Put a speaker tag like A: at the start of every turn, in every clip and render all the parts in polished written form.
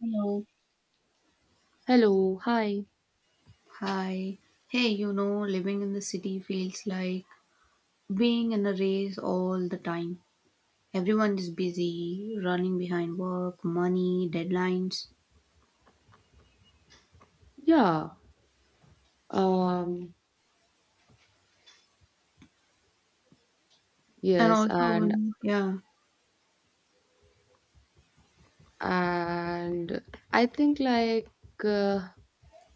A: Hello.
B: Hello, hi.
A: Hi. Hey, living in the city feels like being in a race all the time. Everyone is busy, running behind work, money, deadlines.
B: Yeah, um,
A: And
B: yes,
A: also,
B: and
A: yeah,
B: and I think uh,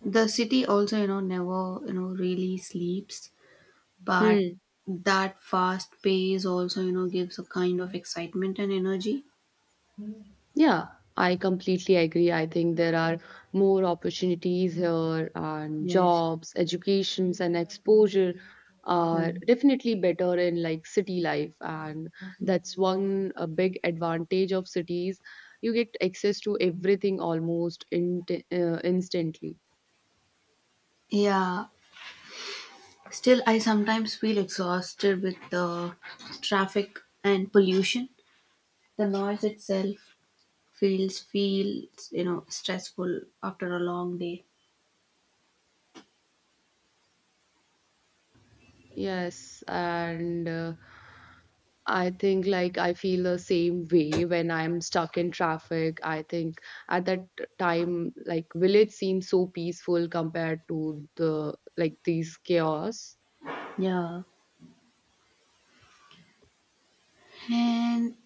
A: the city also, never, really sleeps. But
B: hmm,
A: that fast pace also, gives a kind of excitement and energy.
B: yeah, I completely agree. I think there are more opportunities here and
A: Yes.
B: jobs, educations and exposure
A: Yeah.
B: are definitely better in like city life, and that's one a big advantage of cities. You get access to everything almost in, instantly.
A: Yeah. Still, I sometimes feel exhausted with the traffic and pollution. The noise itself feels stressful after a long day.
B: Yes, and I think like I feel the same way when I'm stuck in traffic. I think at that time, like village seems so peaceful compared to the like these chaos.
A: Yeah. And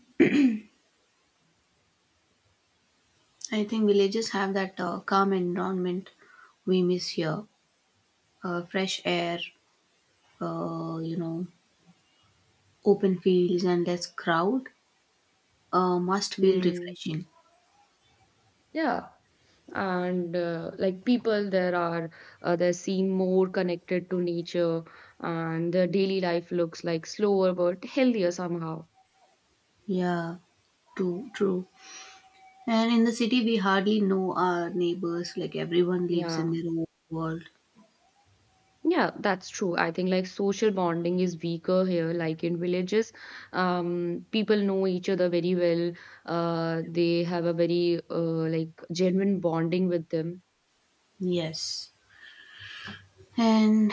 A: I think villages have that calm environment we miss here. Fresh air, uh, you know, open fields and less crowd must feel
B: Hmm.
A: refreshing.
B: Yeah, and like people there are they seem more connected to nature, and their daily life looks like slower but healthier somehow.
A: Yeah. True, true. And in the city, we hardly know our neighbors. Like everyone lives in
B: Yeah.
A: their own world.
B: Yeah, that's true. I think like social bonding is weaker here. Like in villages, people know each other very well. They have a very like genuine bonding with them.
A: Yes. And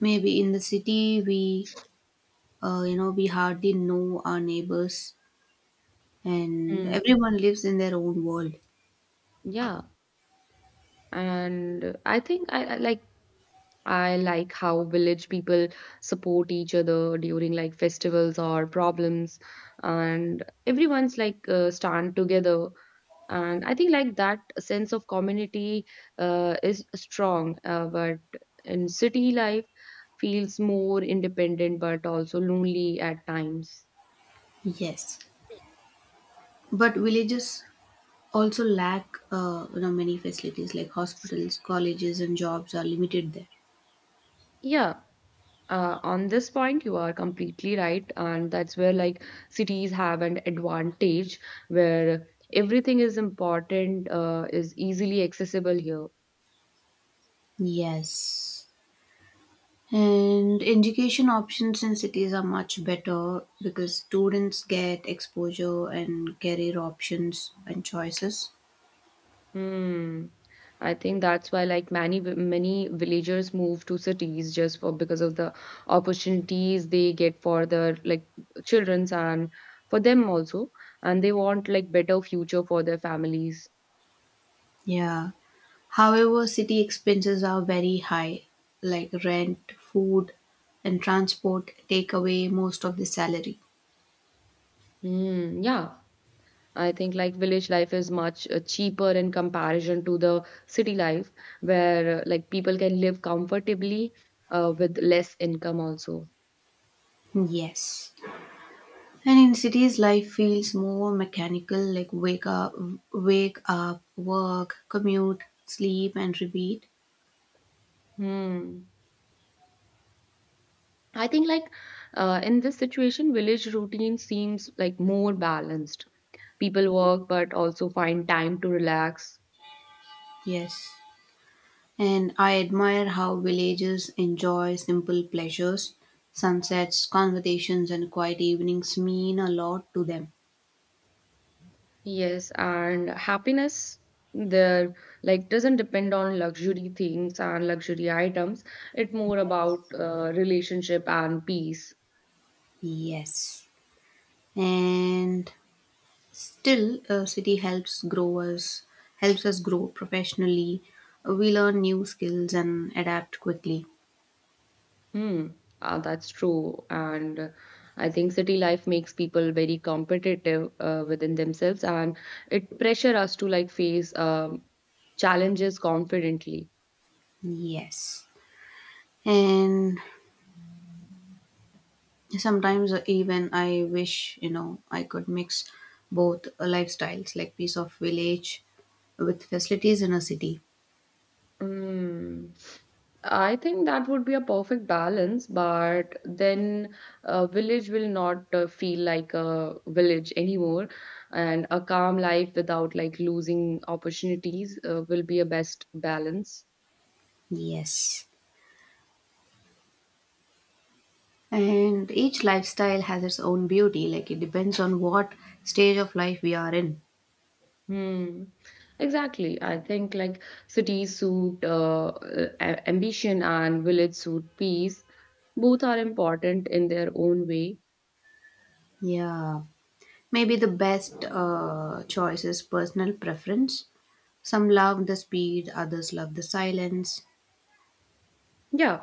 A: maybe in the city, we hardly know our neighbors, and
B: Mm.
A: everyone lives in their own world.
B: Yeah, and I think I I like how village people support each other during like festivals or problems, and everyone's like stand together, and I think like that sense of community is strong but in city life feels more independent but also lonely at times.
A: Yes, but villages also lack many facilities like hospitals, colleges, and jobs are limited there.
B: Yeah, on this point, you are completely right. And that's where like cities have an advantage where everything is important, is easily accessible here.
A: Yes. And education options in cities are much better because students get exposure and career options and choices.
B: Hmm. I think that's why, like many villagers move to cities just for because of the opportunities they get for their like childrens and for them also, and they want like better future for their families.
A: Yeah. However, city expenses are very high, like rent, food, and transport take away most of the salary.
B: Hmm. Yeah, I think like village life is much cheaper in comparison to the city life, where like people can live comfortably with less income also.
A: Yes. And in cities, life feels more mechanical, like wake up, work, commute, sleep, and repeat.
B: Hmm. I think like in this situation, village routine seems like more balanced. People work but also find time to relax.
A: Yes. And I admire how villagers enjoy simple pleasures. Sunsets, conversations, and quiet evenings mean a lot to them.
B: Yes, and happiness there like doesn't depend on luxury things and luxury items. It's more about relationship and peace.
A: Yes. And still, city helps us grow professionally. We learn new skills and adapt quickly.
B: Hmm, that's true. And I think city life makes people very competitive within themselves, and it pressure us to like face challenges confidently.
A: Yes. And sometimes even I wish I could mix both lifestyles, like piece of village with facilities in a city.
B: Hmm. I think that would be a perfect balance, but then a village will not feel like a village anymore, and a calm life without like losing opportunities will be a best balance.
A: Yes. And each lifestyle has its own beauty, like it depends on what stage of life we are in.
B: Hmm. Exactly. I think like cities suit ambition and village suit peace. Both are important in their own way.
A: Yeah. Maybe the best choice is personal preference. Some love the speed, others love the silence.
B: Yeah,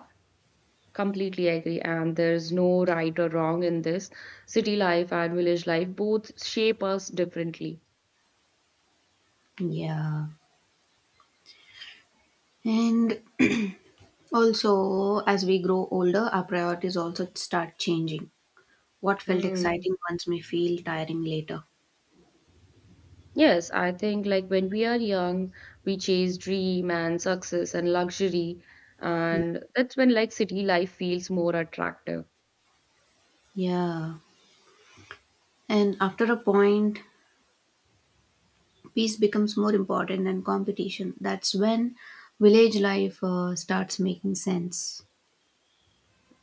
B: completely agree. And there's no right or wrong in this. City life and village life both shape us differently.
A: Yeah. And also, as we grow older, our priorities also start changing. What felt
B: Hmm.
A: exciting once may feel tiring later.
B: Yes, I think like when we are young, we chase dream and success and luxury, and that's when like city life feels more attractive.
A: Yeah. And after a point, peace becomes more important than competition. That's when village life starts making sense.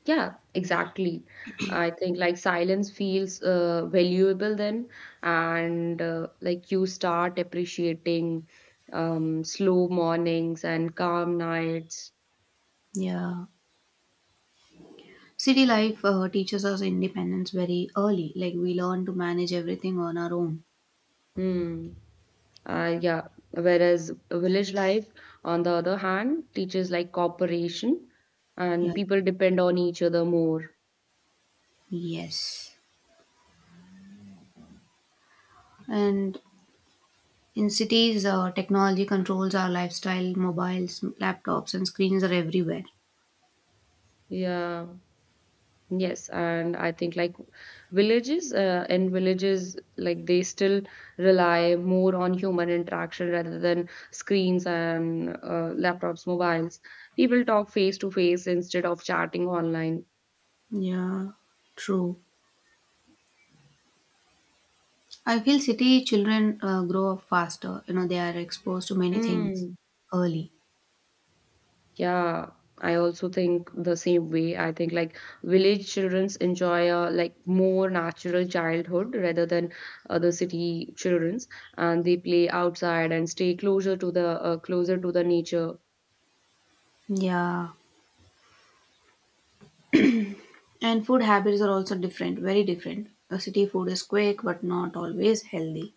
B: Yeah, exactly. I think like silence feels valuable then, and like you start appreciating slow mornings and calm nights.
A: Yeah. City life teaches us independence very early. Like we learn to manage everything on our own.
B: Hmm. Yeah. Whereas village life, on the other hand, teaches like cooperation, and
A: Yeah.
B: people depend on each other more.
A: Yes. And in cities, technology controls our lifestyle. Mobiles, laptops, and screens are everywhere.
B: Yeah. Yes, and I think like villages in villages, like they still rely more on human interaction rather than screens and laptops, mobiles. People talk face to face instead of chatting online.
A: Yeah, true. I feel city children grow up faster. They are exposed to many things
B: Mm.
A: early.
B: Yeah, I also think the same way. I think like village childrens enjoy a like more natural childhood rather than other city childrens, and they play outside and stay closer to the nature.
A: Yeah. And food habits are also different, very different. City food is quick but not always healthy.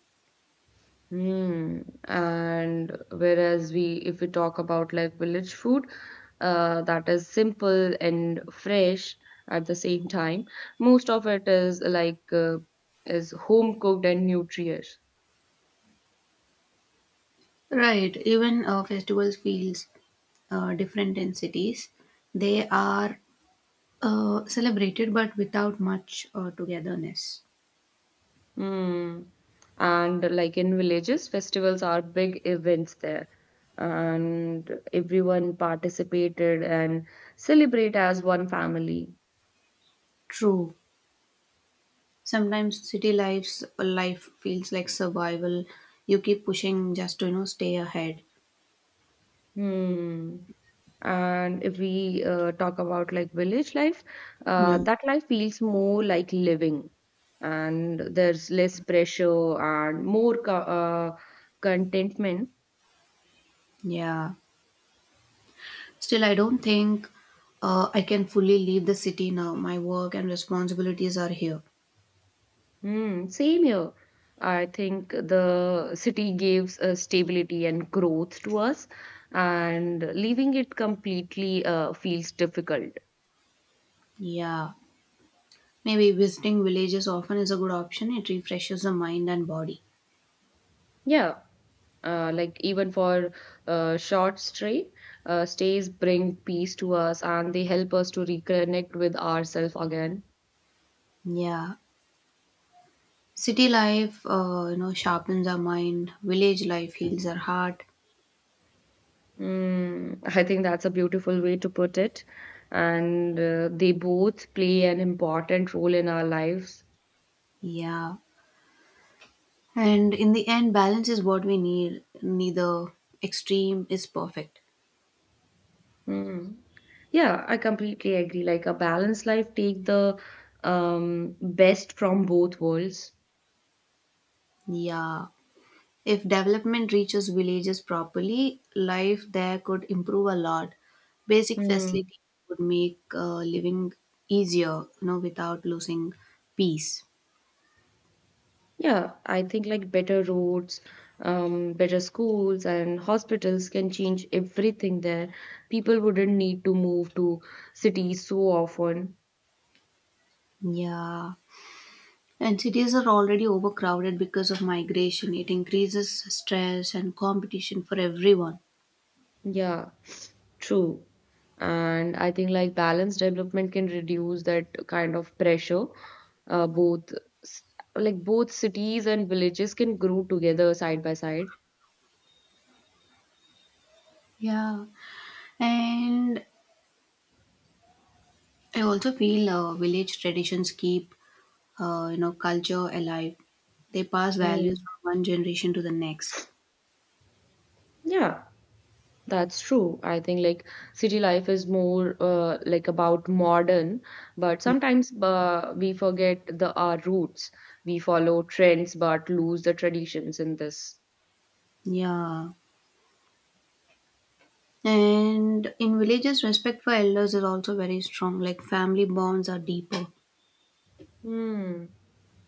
B: Hmm. And whereas we, if we talk about like village food, that is simple and fresh at the same time, most of it is is home cooked and nutritious.
A: Right, even festivals feels different in cities. They are celebrated but without much togetherness.
B: Hmm. And like in villages, festivals are big events there, and everyone participated and celebrate as one family.
A: True. Sometimes city life's life feels like survival. You keep pushing just to stay ahead.
B: Hmm. And if we talk about like village life,
A: Yeah.
B: that life feels more like living, and there's less pressure and more co contentment.
A: Yeah. Still, I don't think I can fully leave the city now. My work and responsibilities are here.
B: Hmm. Same here. I think the city gives stability and growth to us, and leaving it completely feels difficult.
A: Yeah. Maybe visiting villages often is a good option. It refreshes the mind and body.
B: Yeah, like even for uh, short stray, stays bring peace to us, and they help us to reconnect with ourselves again.
A: Yeah. City life, sharpens our mind. Village life heals our heart.
B: Mm, I think that's a beautiful way to put it. And they both play an important role in our lives.
A: Yeah. And in the end, balance is what we need. Neither extreme is perfect.
B: Mm. Yeah, I completely agree. Like a balanced life, take the best from both worlds.
A: Yeah. If development reaches villages properly, life there could improve a lot. Basic
B: Hmm.
A: facilities would make living easier, without losing peace.
B: Yeah, I think like better roads, better schools and hospitals can change everything there. People wouldn't need to move to cities so often.
A: Yeah. And cities are already overcrowded because of migration. It increases stress and competition for everyone.
B: Yeah, true. And I think like balanced development can reduce that kind of pressure. Uh, both s- like both cities and villages can grow together side by side.
A: Yeah. And I also feel village traditions keep culture alive. They pass values
B: Mm.
A: from one generation to the next.
B: Yeah. That's true. I think like city life is more like about modern, but
A: Yeah.
B: sometimes we forget the our roots. We follow trends but lose the traditions in this.
A: Yeah. And in villages, respect for elders is also very strong. Like family bonds are deeper.
B: Hmm.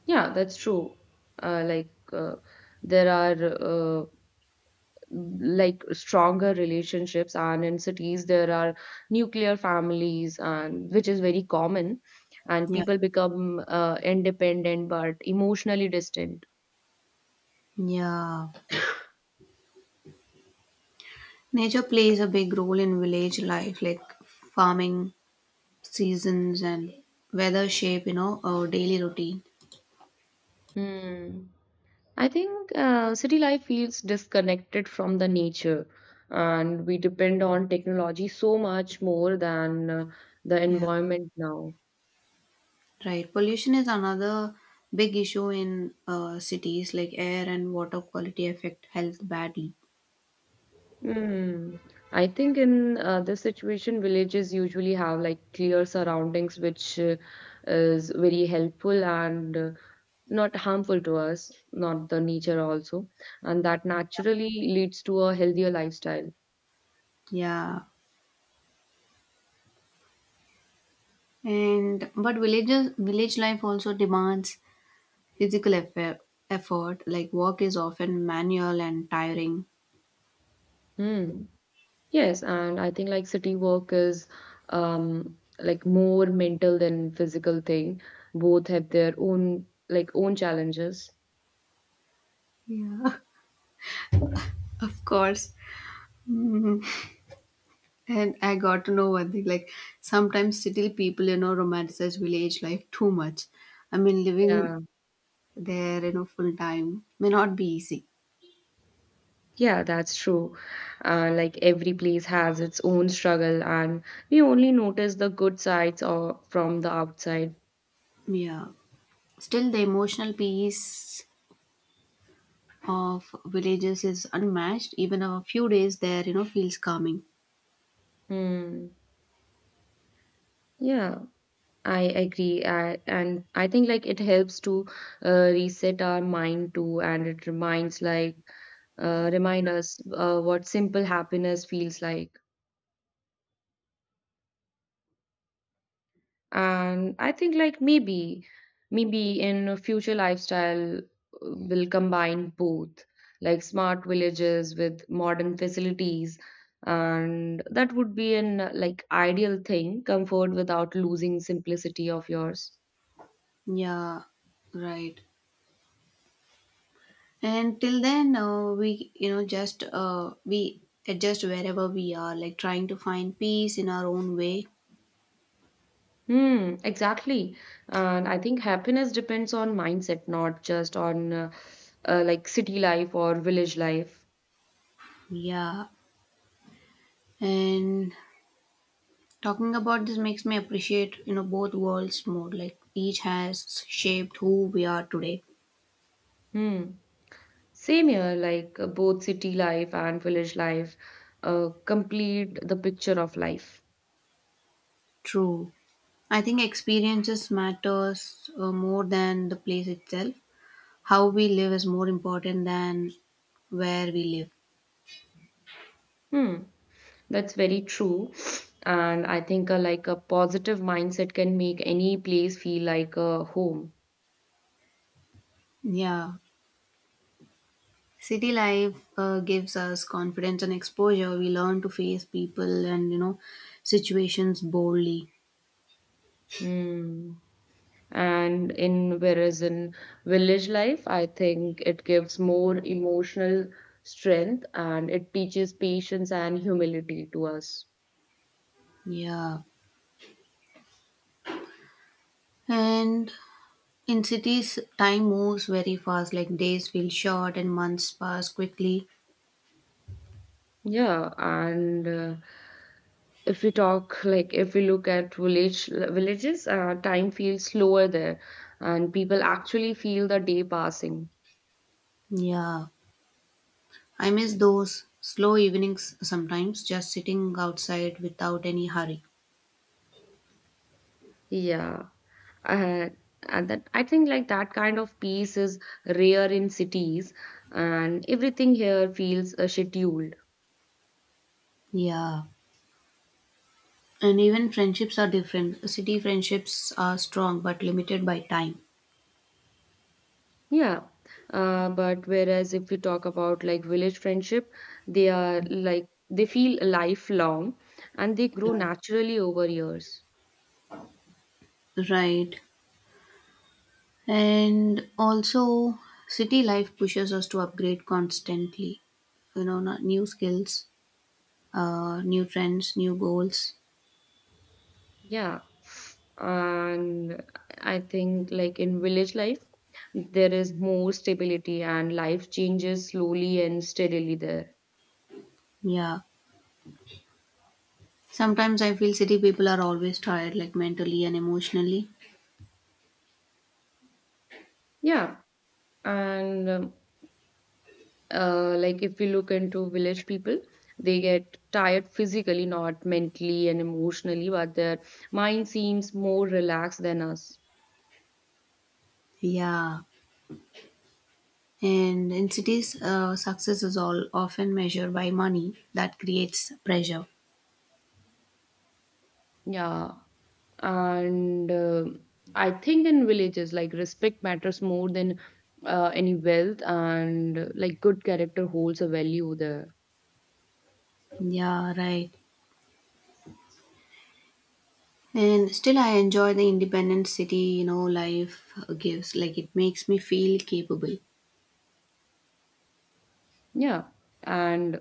B: Yeah, that's true. Uh, like uh, there are like stronger relationships, and in cities there are nuclear families, and which is very common, and
A: Yeah.
B: people become independent but emotionally distant.
A: Yeah. Nature plays a big role in village life, like farming, seasons and weather shape our daily routine.
B: Hmm. I think city life feels disconnected from the nature, and we depend on technology so much more than the
A: Yeah.
B: environment now.
A: Right. Pollution is another big issue in cities, like air and water quality affect health badly.
B: Hmm. I think in this situation, villages usually have like clear surroundings, which is very helpful and not harmful to us, not the nature also, and that naturally leads to a healthier lifestyle.
A: Yeah. And but villages village life also demands physical effort like work is often manual and tiring.
B: Hmm. Yes, and I think like city work is like more mental than physical thing. Both have their own like own challenges.
A: Yeah. Of course. Mhm. And I got to know one thing, like sometimes city people romanticize village life too much. I mean,
B: Yeah.
A: living there full time may not be easy.
B: Yeah, that's true. Like every place has its own struggle, and we only notice the good sides or from the outside.
A: Yeah. Still, the emotional peace of villages is unmatched. Even a few days there feels calming.
B: Hmm. Yeah, I agree. And I think like it helps to reset our mind too, and it reminds remind us what simple happiness feels like. And I think like maybe in a future lifestyle will combine both, like smart villages with modern facilities, and that would be an like ideal thing, comfort without losing simplicity of yours.
A: Yeah. Right. And till then, we just we adjust wherever we are, like trying to find peace in our own way.
B: Hmm, exactly. And I think happiness depends on mindset, not just on like city life or village life.
A: Yeah. And talking about this makes me appreciate both worlds more, like each has shaped who we are today.
B: Hmm. Same here, like both city life and village life complete the picture of life.
A: True. I think experiences matters more than the place itself. How we live is more important than where we live.
B: Hmm, that's very true. And I think like a positive mindset can make any place feel like a home.
A: Yeah. City life gives us confidence and exposure. We learn to face people and situations boldly.
B: Hmm. And in whereas in village life, I think it gives more emotional strength, and it teaches patience and humility to us.
A: Yeah. And in cities, time moves very fast. Like days feel short and months pass quickly.
B: Yeah, and if we talk like if we look at villages, time feels slower there, and people actually feel the day passing.
A: Yeah. I miss those slow evenings sometimes, just sitting outside without any hurry.
B: Yeah, uh, and that I think like that kind of peace is rare in cities, and everything here feels scheduled.
A: Yeah. And even friendships are different. City friendships are strong but limited by time.
B: Yeah, but whereas if we talk about like village friendship, they are like they feel lifelong, and they grow
A: Yeah.
B: naturally over years.
A: Right. And also, city life pushes us to upgrade constantly. New skills, new trends, new goals.
B: Yeah. And I think like in village life, there is more stability, and life changes slowly and steadily there.
A: Yeah. Sometimes I feel city people are always tired, like mentally and emotionally.
B: Yeah. And like if we look into village people, they get tired physically, not mentally and emotionally, but their mind seems more relaxed than us.
A: Yeah. And in cities, success is all often measured by money that creates pressure.
B: Yeah. And I think in villages, like respect matters more than any wealth, and like good character holds a value there.
A: Yeah, right. And still, I enjoy the independent city life gives. Like, it makes me feel capable.
B: Yeah. And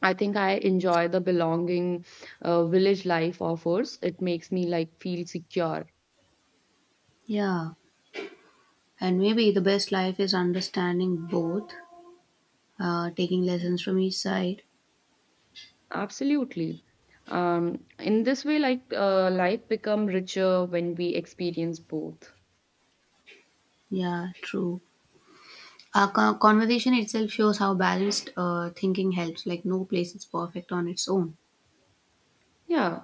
B: I think I enjoy the belonging village life offers. It makes me like feel secure.
A: Yeah, and maybe the best life is understanding both, taking lessons from each side.
B: Absolutely. In this way, like life become richer when we experience both.
A: Yeah, true. Our conversation itself shows how balanced thinking helps. Like, no place is perfect on its own.
B: Yeah.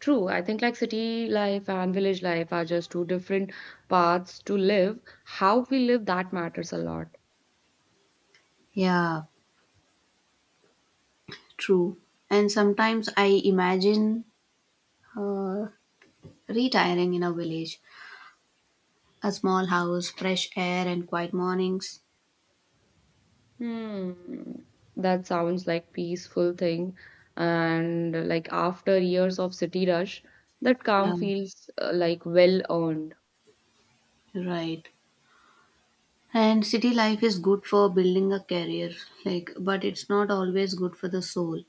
B: True, I think like city life and village life are just two different paths to live. How we live that matters a lot.
A: Yeah, true. And sometimes I imagine uh, retiring in a village, a small house, fresh air, and quiet mornings.
B: Hmm, that sounds like peaceful thing, and like after years of city rush, that
A: Yeah,
B: calm feels like well earned.
A: right. And city life is good for building a career, like, but it's not always good for the soul.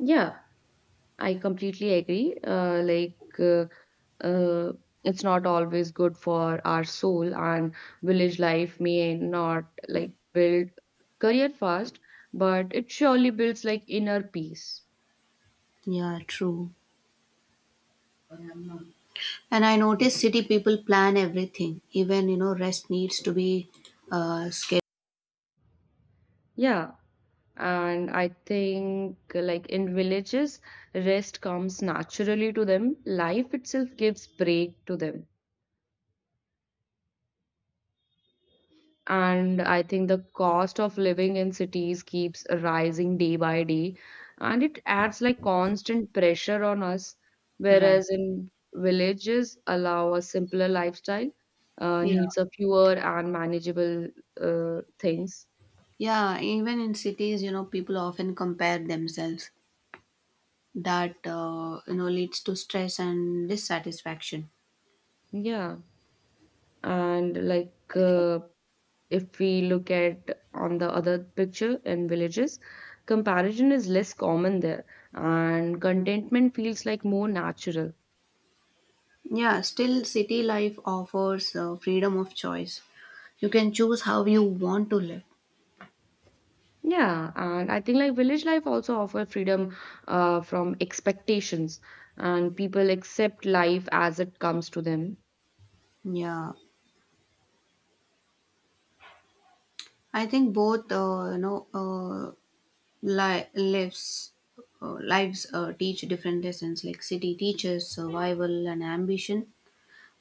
B: Yeah, I completely agree. Uh, it's not always good for our soul, and village life may not like build career fast, but it surely builds like inner peace.
A: Yeah, true. And I notice city people plan everything. Even rest needs to be scheduled.
B: Yeah, and I think like in villages, rest comes naturally to them. Life itself gives break to them. And I think the cost of living in cities keeps rising day by day, and it adds like constant pressure on us.
A: Right.
B: Whereas in villages, allow a simpler lifestyle,
A: Yeah.
B: needs of fewer and manageable things.
A: Yeah. Even in cities, people often compare themselves. That leads to stress and dissatisfaction.
B: Yeah, and if we look at on the other picture in villages, comparison is less common there, and contentment feels like more natural.
A: Yeah. Still, city life offers freedom of choice. You can choose how you want to live.
B: Yeah, and I think like village life also offer freedom from expectations, and people accept life as it comes to them.
A: Yeah. I think both, li- lives, lives teach different lessons. Like city teaches survival and ambition,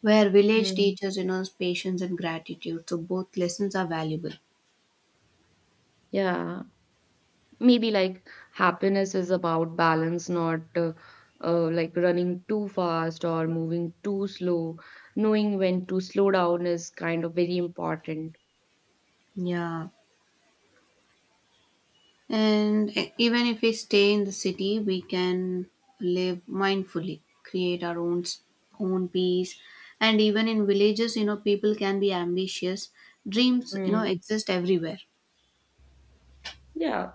A: where village
B: Hmm.
A: teaches patience and gratitude. So both lessons are valuable.
B: Yeah, maybe like happiness is about balance, not like running too fast or moving too slow. Knowing when to slow down is kind of very important.
A: Yeah, and even if we stay in the city, we can live mindfully, create our own own peace, and even in villages, people can be ambitious. Dreams
B: Hmm.
A: exist everywhere.
B: Yeah.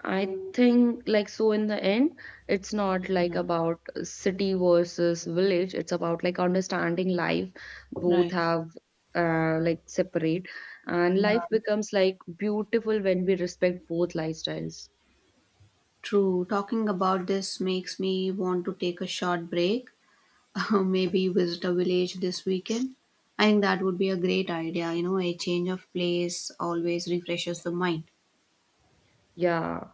B: I think, like, so in the end, it's not like
A: Yeah.
B: about city versus village. It's about like understanding life. Both
A: Right.
B: have like separate, and life
A: Yeah.
B: becomes like beautiful when we respect both lifestyles.
A: True, talking about this makes me want to take a short break, maybe visit a village this weekend. I think that would be a great idea. A change of place always refreshes the mind.
B: Yeah.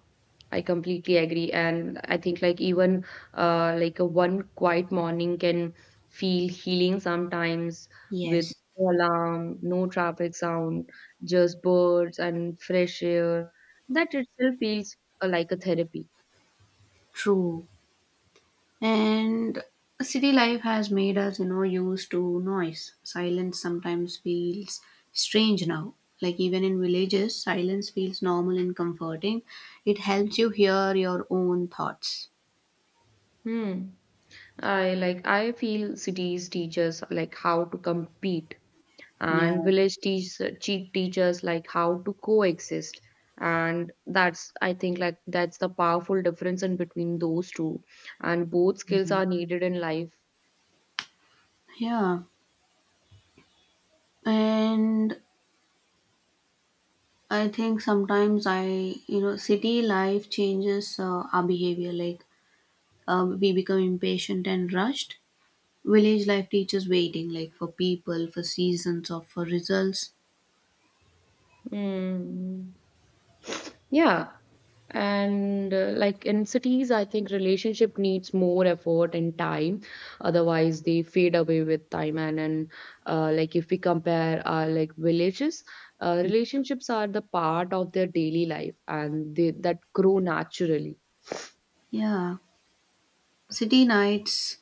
B: I completely agree. And I think like even like a one quiet morning can feel healing sometimes, with
A: Yes,
B: no alarm, no traffic sound, just birds and fresh air. That itself feels like a therapy.
A: true. And city life has made us used to noise. Silence sometimes feels strange now. Like even in villages, silence feels normal and comforting. It helps you hear your own thoughts.
B: Hmm. I feel cities teach us like how to compete, and
A: Yeah.
B: village teachers like how to coexist, and that's I think like that's the powerful difference in between those two, and both skills
A: Mhm.
B: are needed in life.
A: Yeah. And I think sometimes I you know city life changes our behavior, like we become impatient and rushed. Village life teaches waiting, like for people, for seasons, or for results.
B: Mm. Yeah. And like in cities, I think relationship needs more effort and time. Otherwise, they fade away with time. And like if we compare our like villages, relationships are the part of their daily life, and they that grow naturally.
A: Yeah. City nights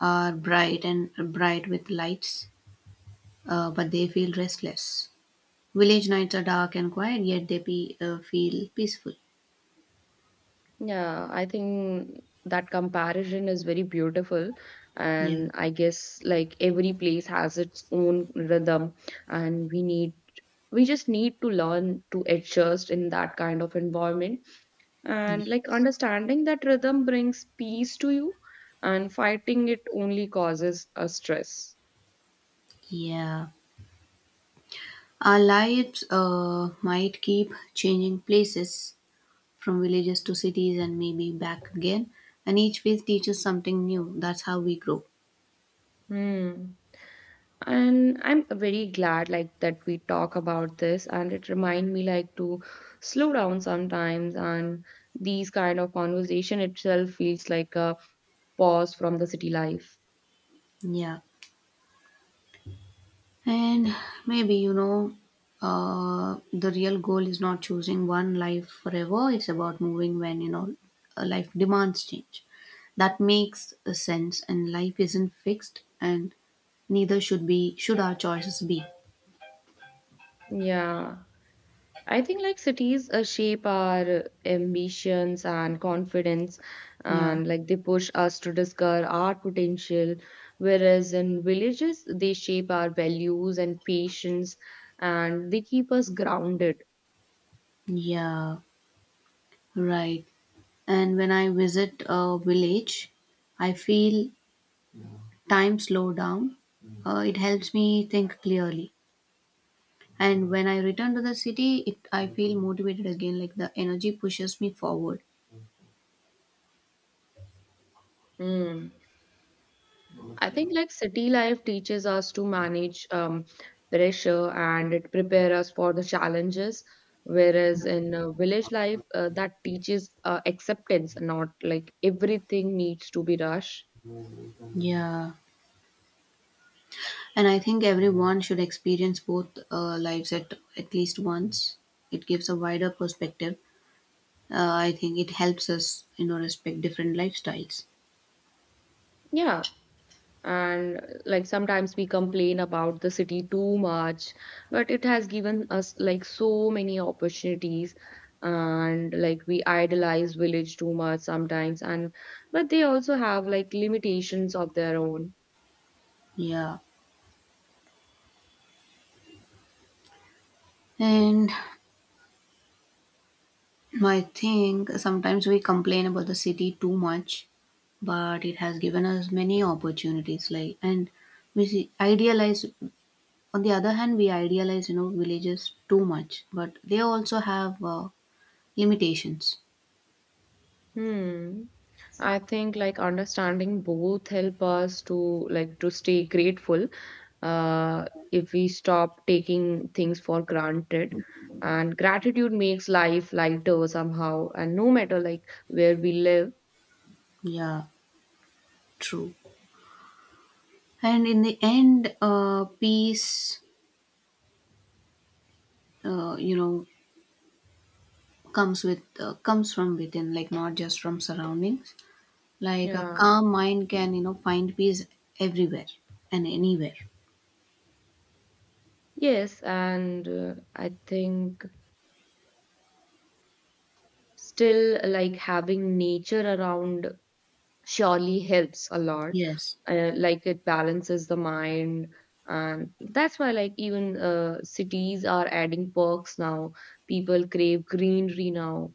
A: are bright and bright with lights, but they feel restless. Village nights are dark and quiet, yet they feel peaceful.
B: Yeah, I think that comparison is very beautiful.
A: Yeah.
B: And I guess like every place has its own rhythm, and we just need to learn to adjust in that kind of environment. And like
A: Yes.
B: understanding that rhythm brings peace to you, and fighting it only causes a stress.
A: Yeah. Our lives might keep changing places from villages to cities and maybe back again. And each phase teaches something new. That's how we grow.
B: Hmm. And I'm very glad like that we talk about this, and it remind me like to slow down sometimes, and these kind of conversation itself feels like a pause from the city life.
A: Yeah. And maybe, the real goal is not choosing one life forever. It's about moving when a life demands change. That makes a sense. And life isn't fixed. And neither should our choices be.
B: Yeah, I think like cities shape our ambitions and confidence,
A: Yeah.
B: and like they push us to discover our potential, whereas in villages they shape our values and patience, and they keep us grounded.
A: Yeah. Right. And when I visit a village, I feel time slow down. It helps me think clearly. And when I return to the city, I feel motivated again, like the energy pushes me forward.
B: Mm. I think like city life teaches us to manage pressure, and it prepares us for the challenges, whereas in village life, that teaches acceptance, not like everything needs to be rushed.
A: Yeah. And I think everyone should experience both lives at least once. It gives a wider perspective. I think it helps us respect different lifestyles.
B: Yeah, and like sometimes we complain about the city too much, but it has given us like so many opportunities. And like we idolize village too much sometimes, and but they also have like limitations of their own.
A: Yeah. And I think sometimes we complain about the city too much, but it has given us many opportunities. Like, and we see, idealize, on the other hand, we idealize villages too much, but they also have limitations.
B: Hmm. I think like understanding both help us to like to stay grateful uh, if we stop taking things for granted. And gratitude makes life lighter somehow, and no matter like where we live.
A: Yeah, true. And in the end, peace, uh, you know, comes from within, like not just from surroundings. Like a
B: Yeah.
A: calm mind can find peace everywhere and anywhere.
B: Yes, and I think still like having nature around surely helps a lot.
A: Yes.
B: Like it balances the mind, and that's why like even cities are adding parks now. People crave greenery now.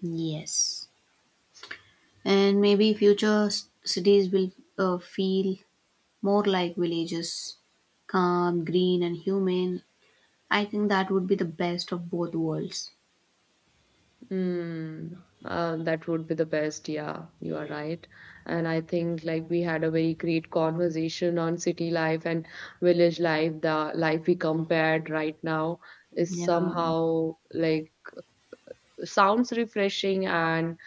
A: Yes. And maybe future cities will feel more like villages, calm, green, and humane. I think that would be the best of both worlds.
B: Mm, that would be the best. Yeah, you are right. And I think like we had a very great conversation on city life and village life. The life we compared right now is
A: Yeah.
B: somehow like sounds refreshing and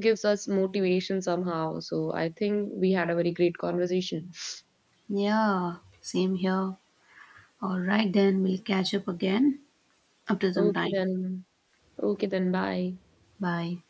B: gives us motivation somehow. So I think we had a very great conversation.
A: Yeah. Same here. All right, then we'll catch up again after some
B: Okay
A: time.
B: then. Okay then. Bye.
A: Bye.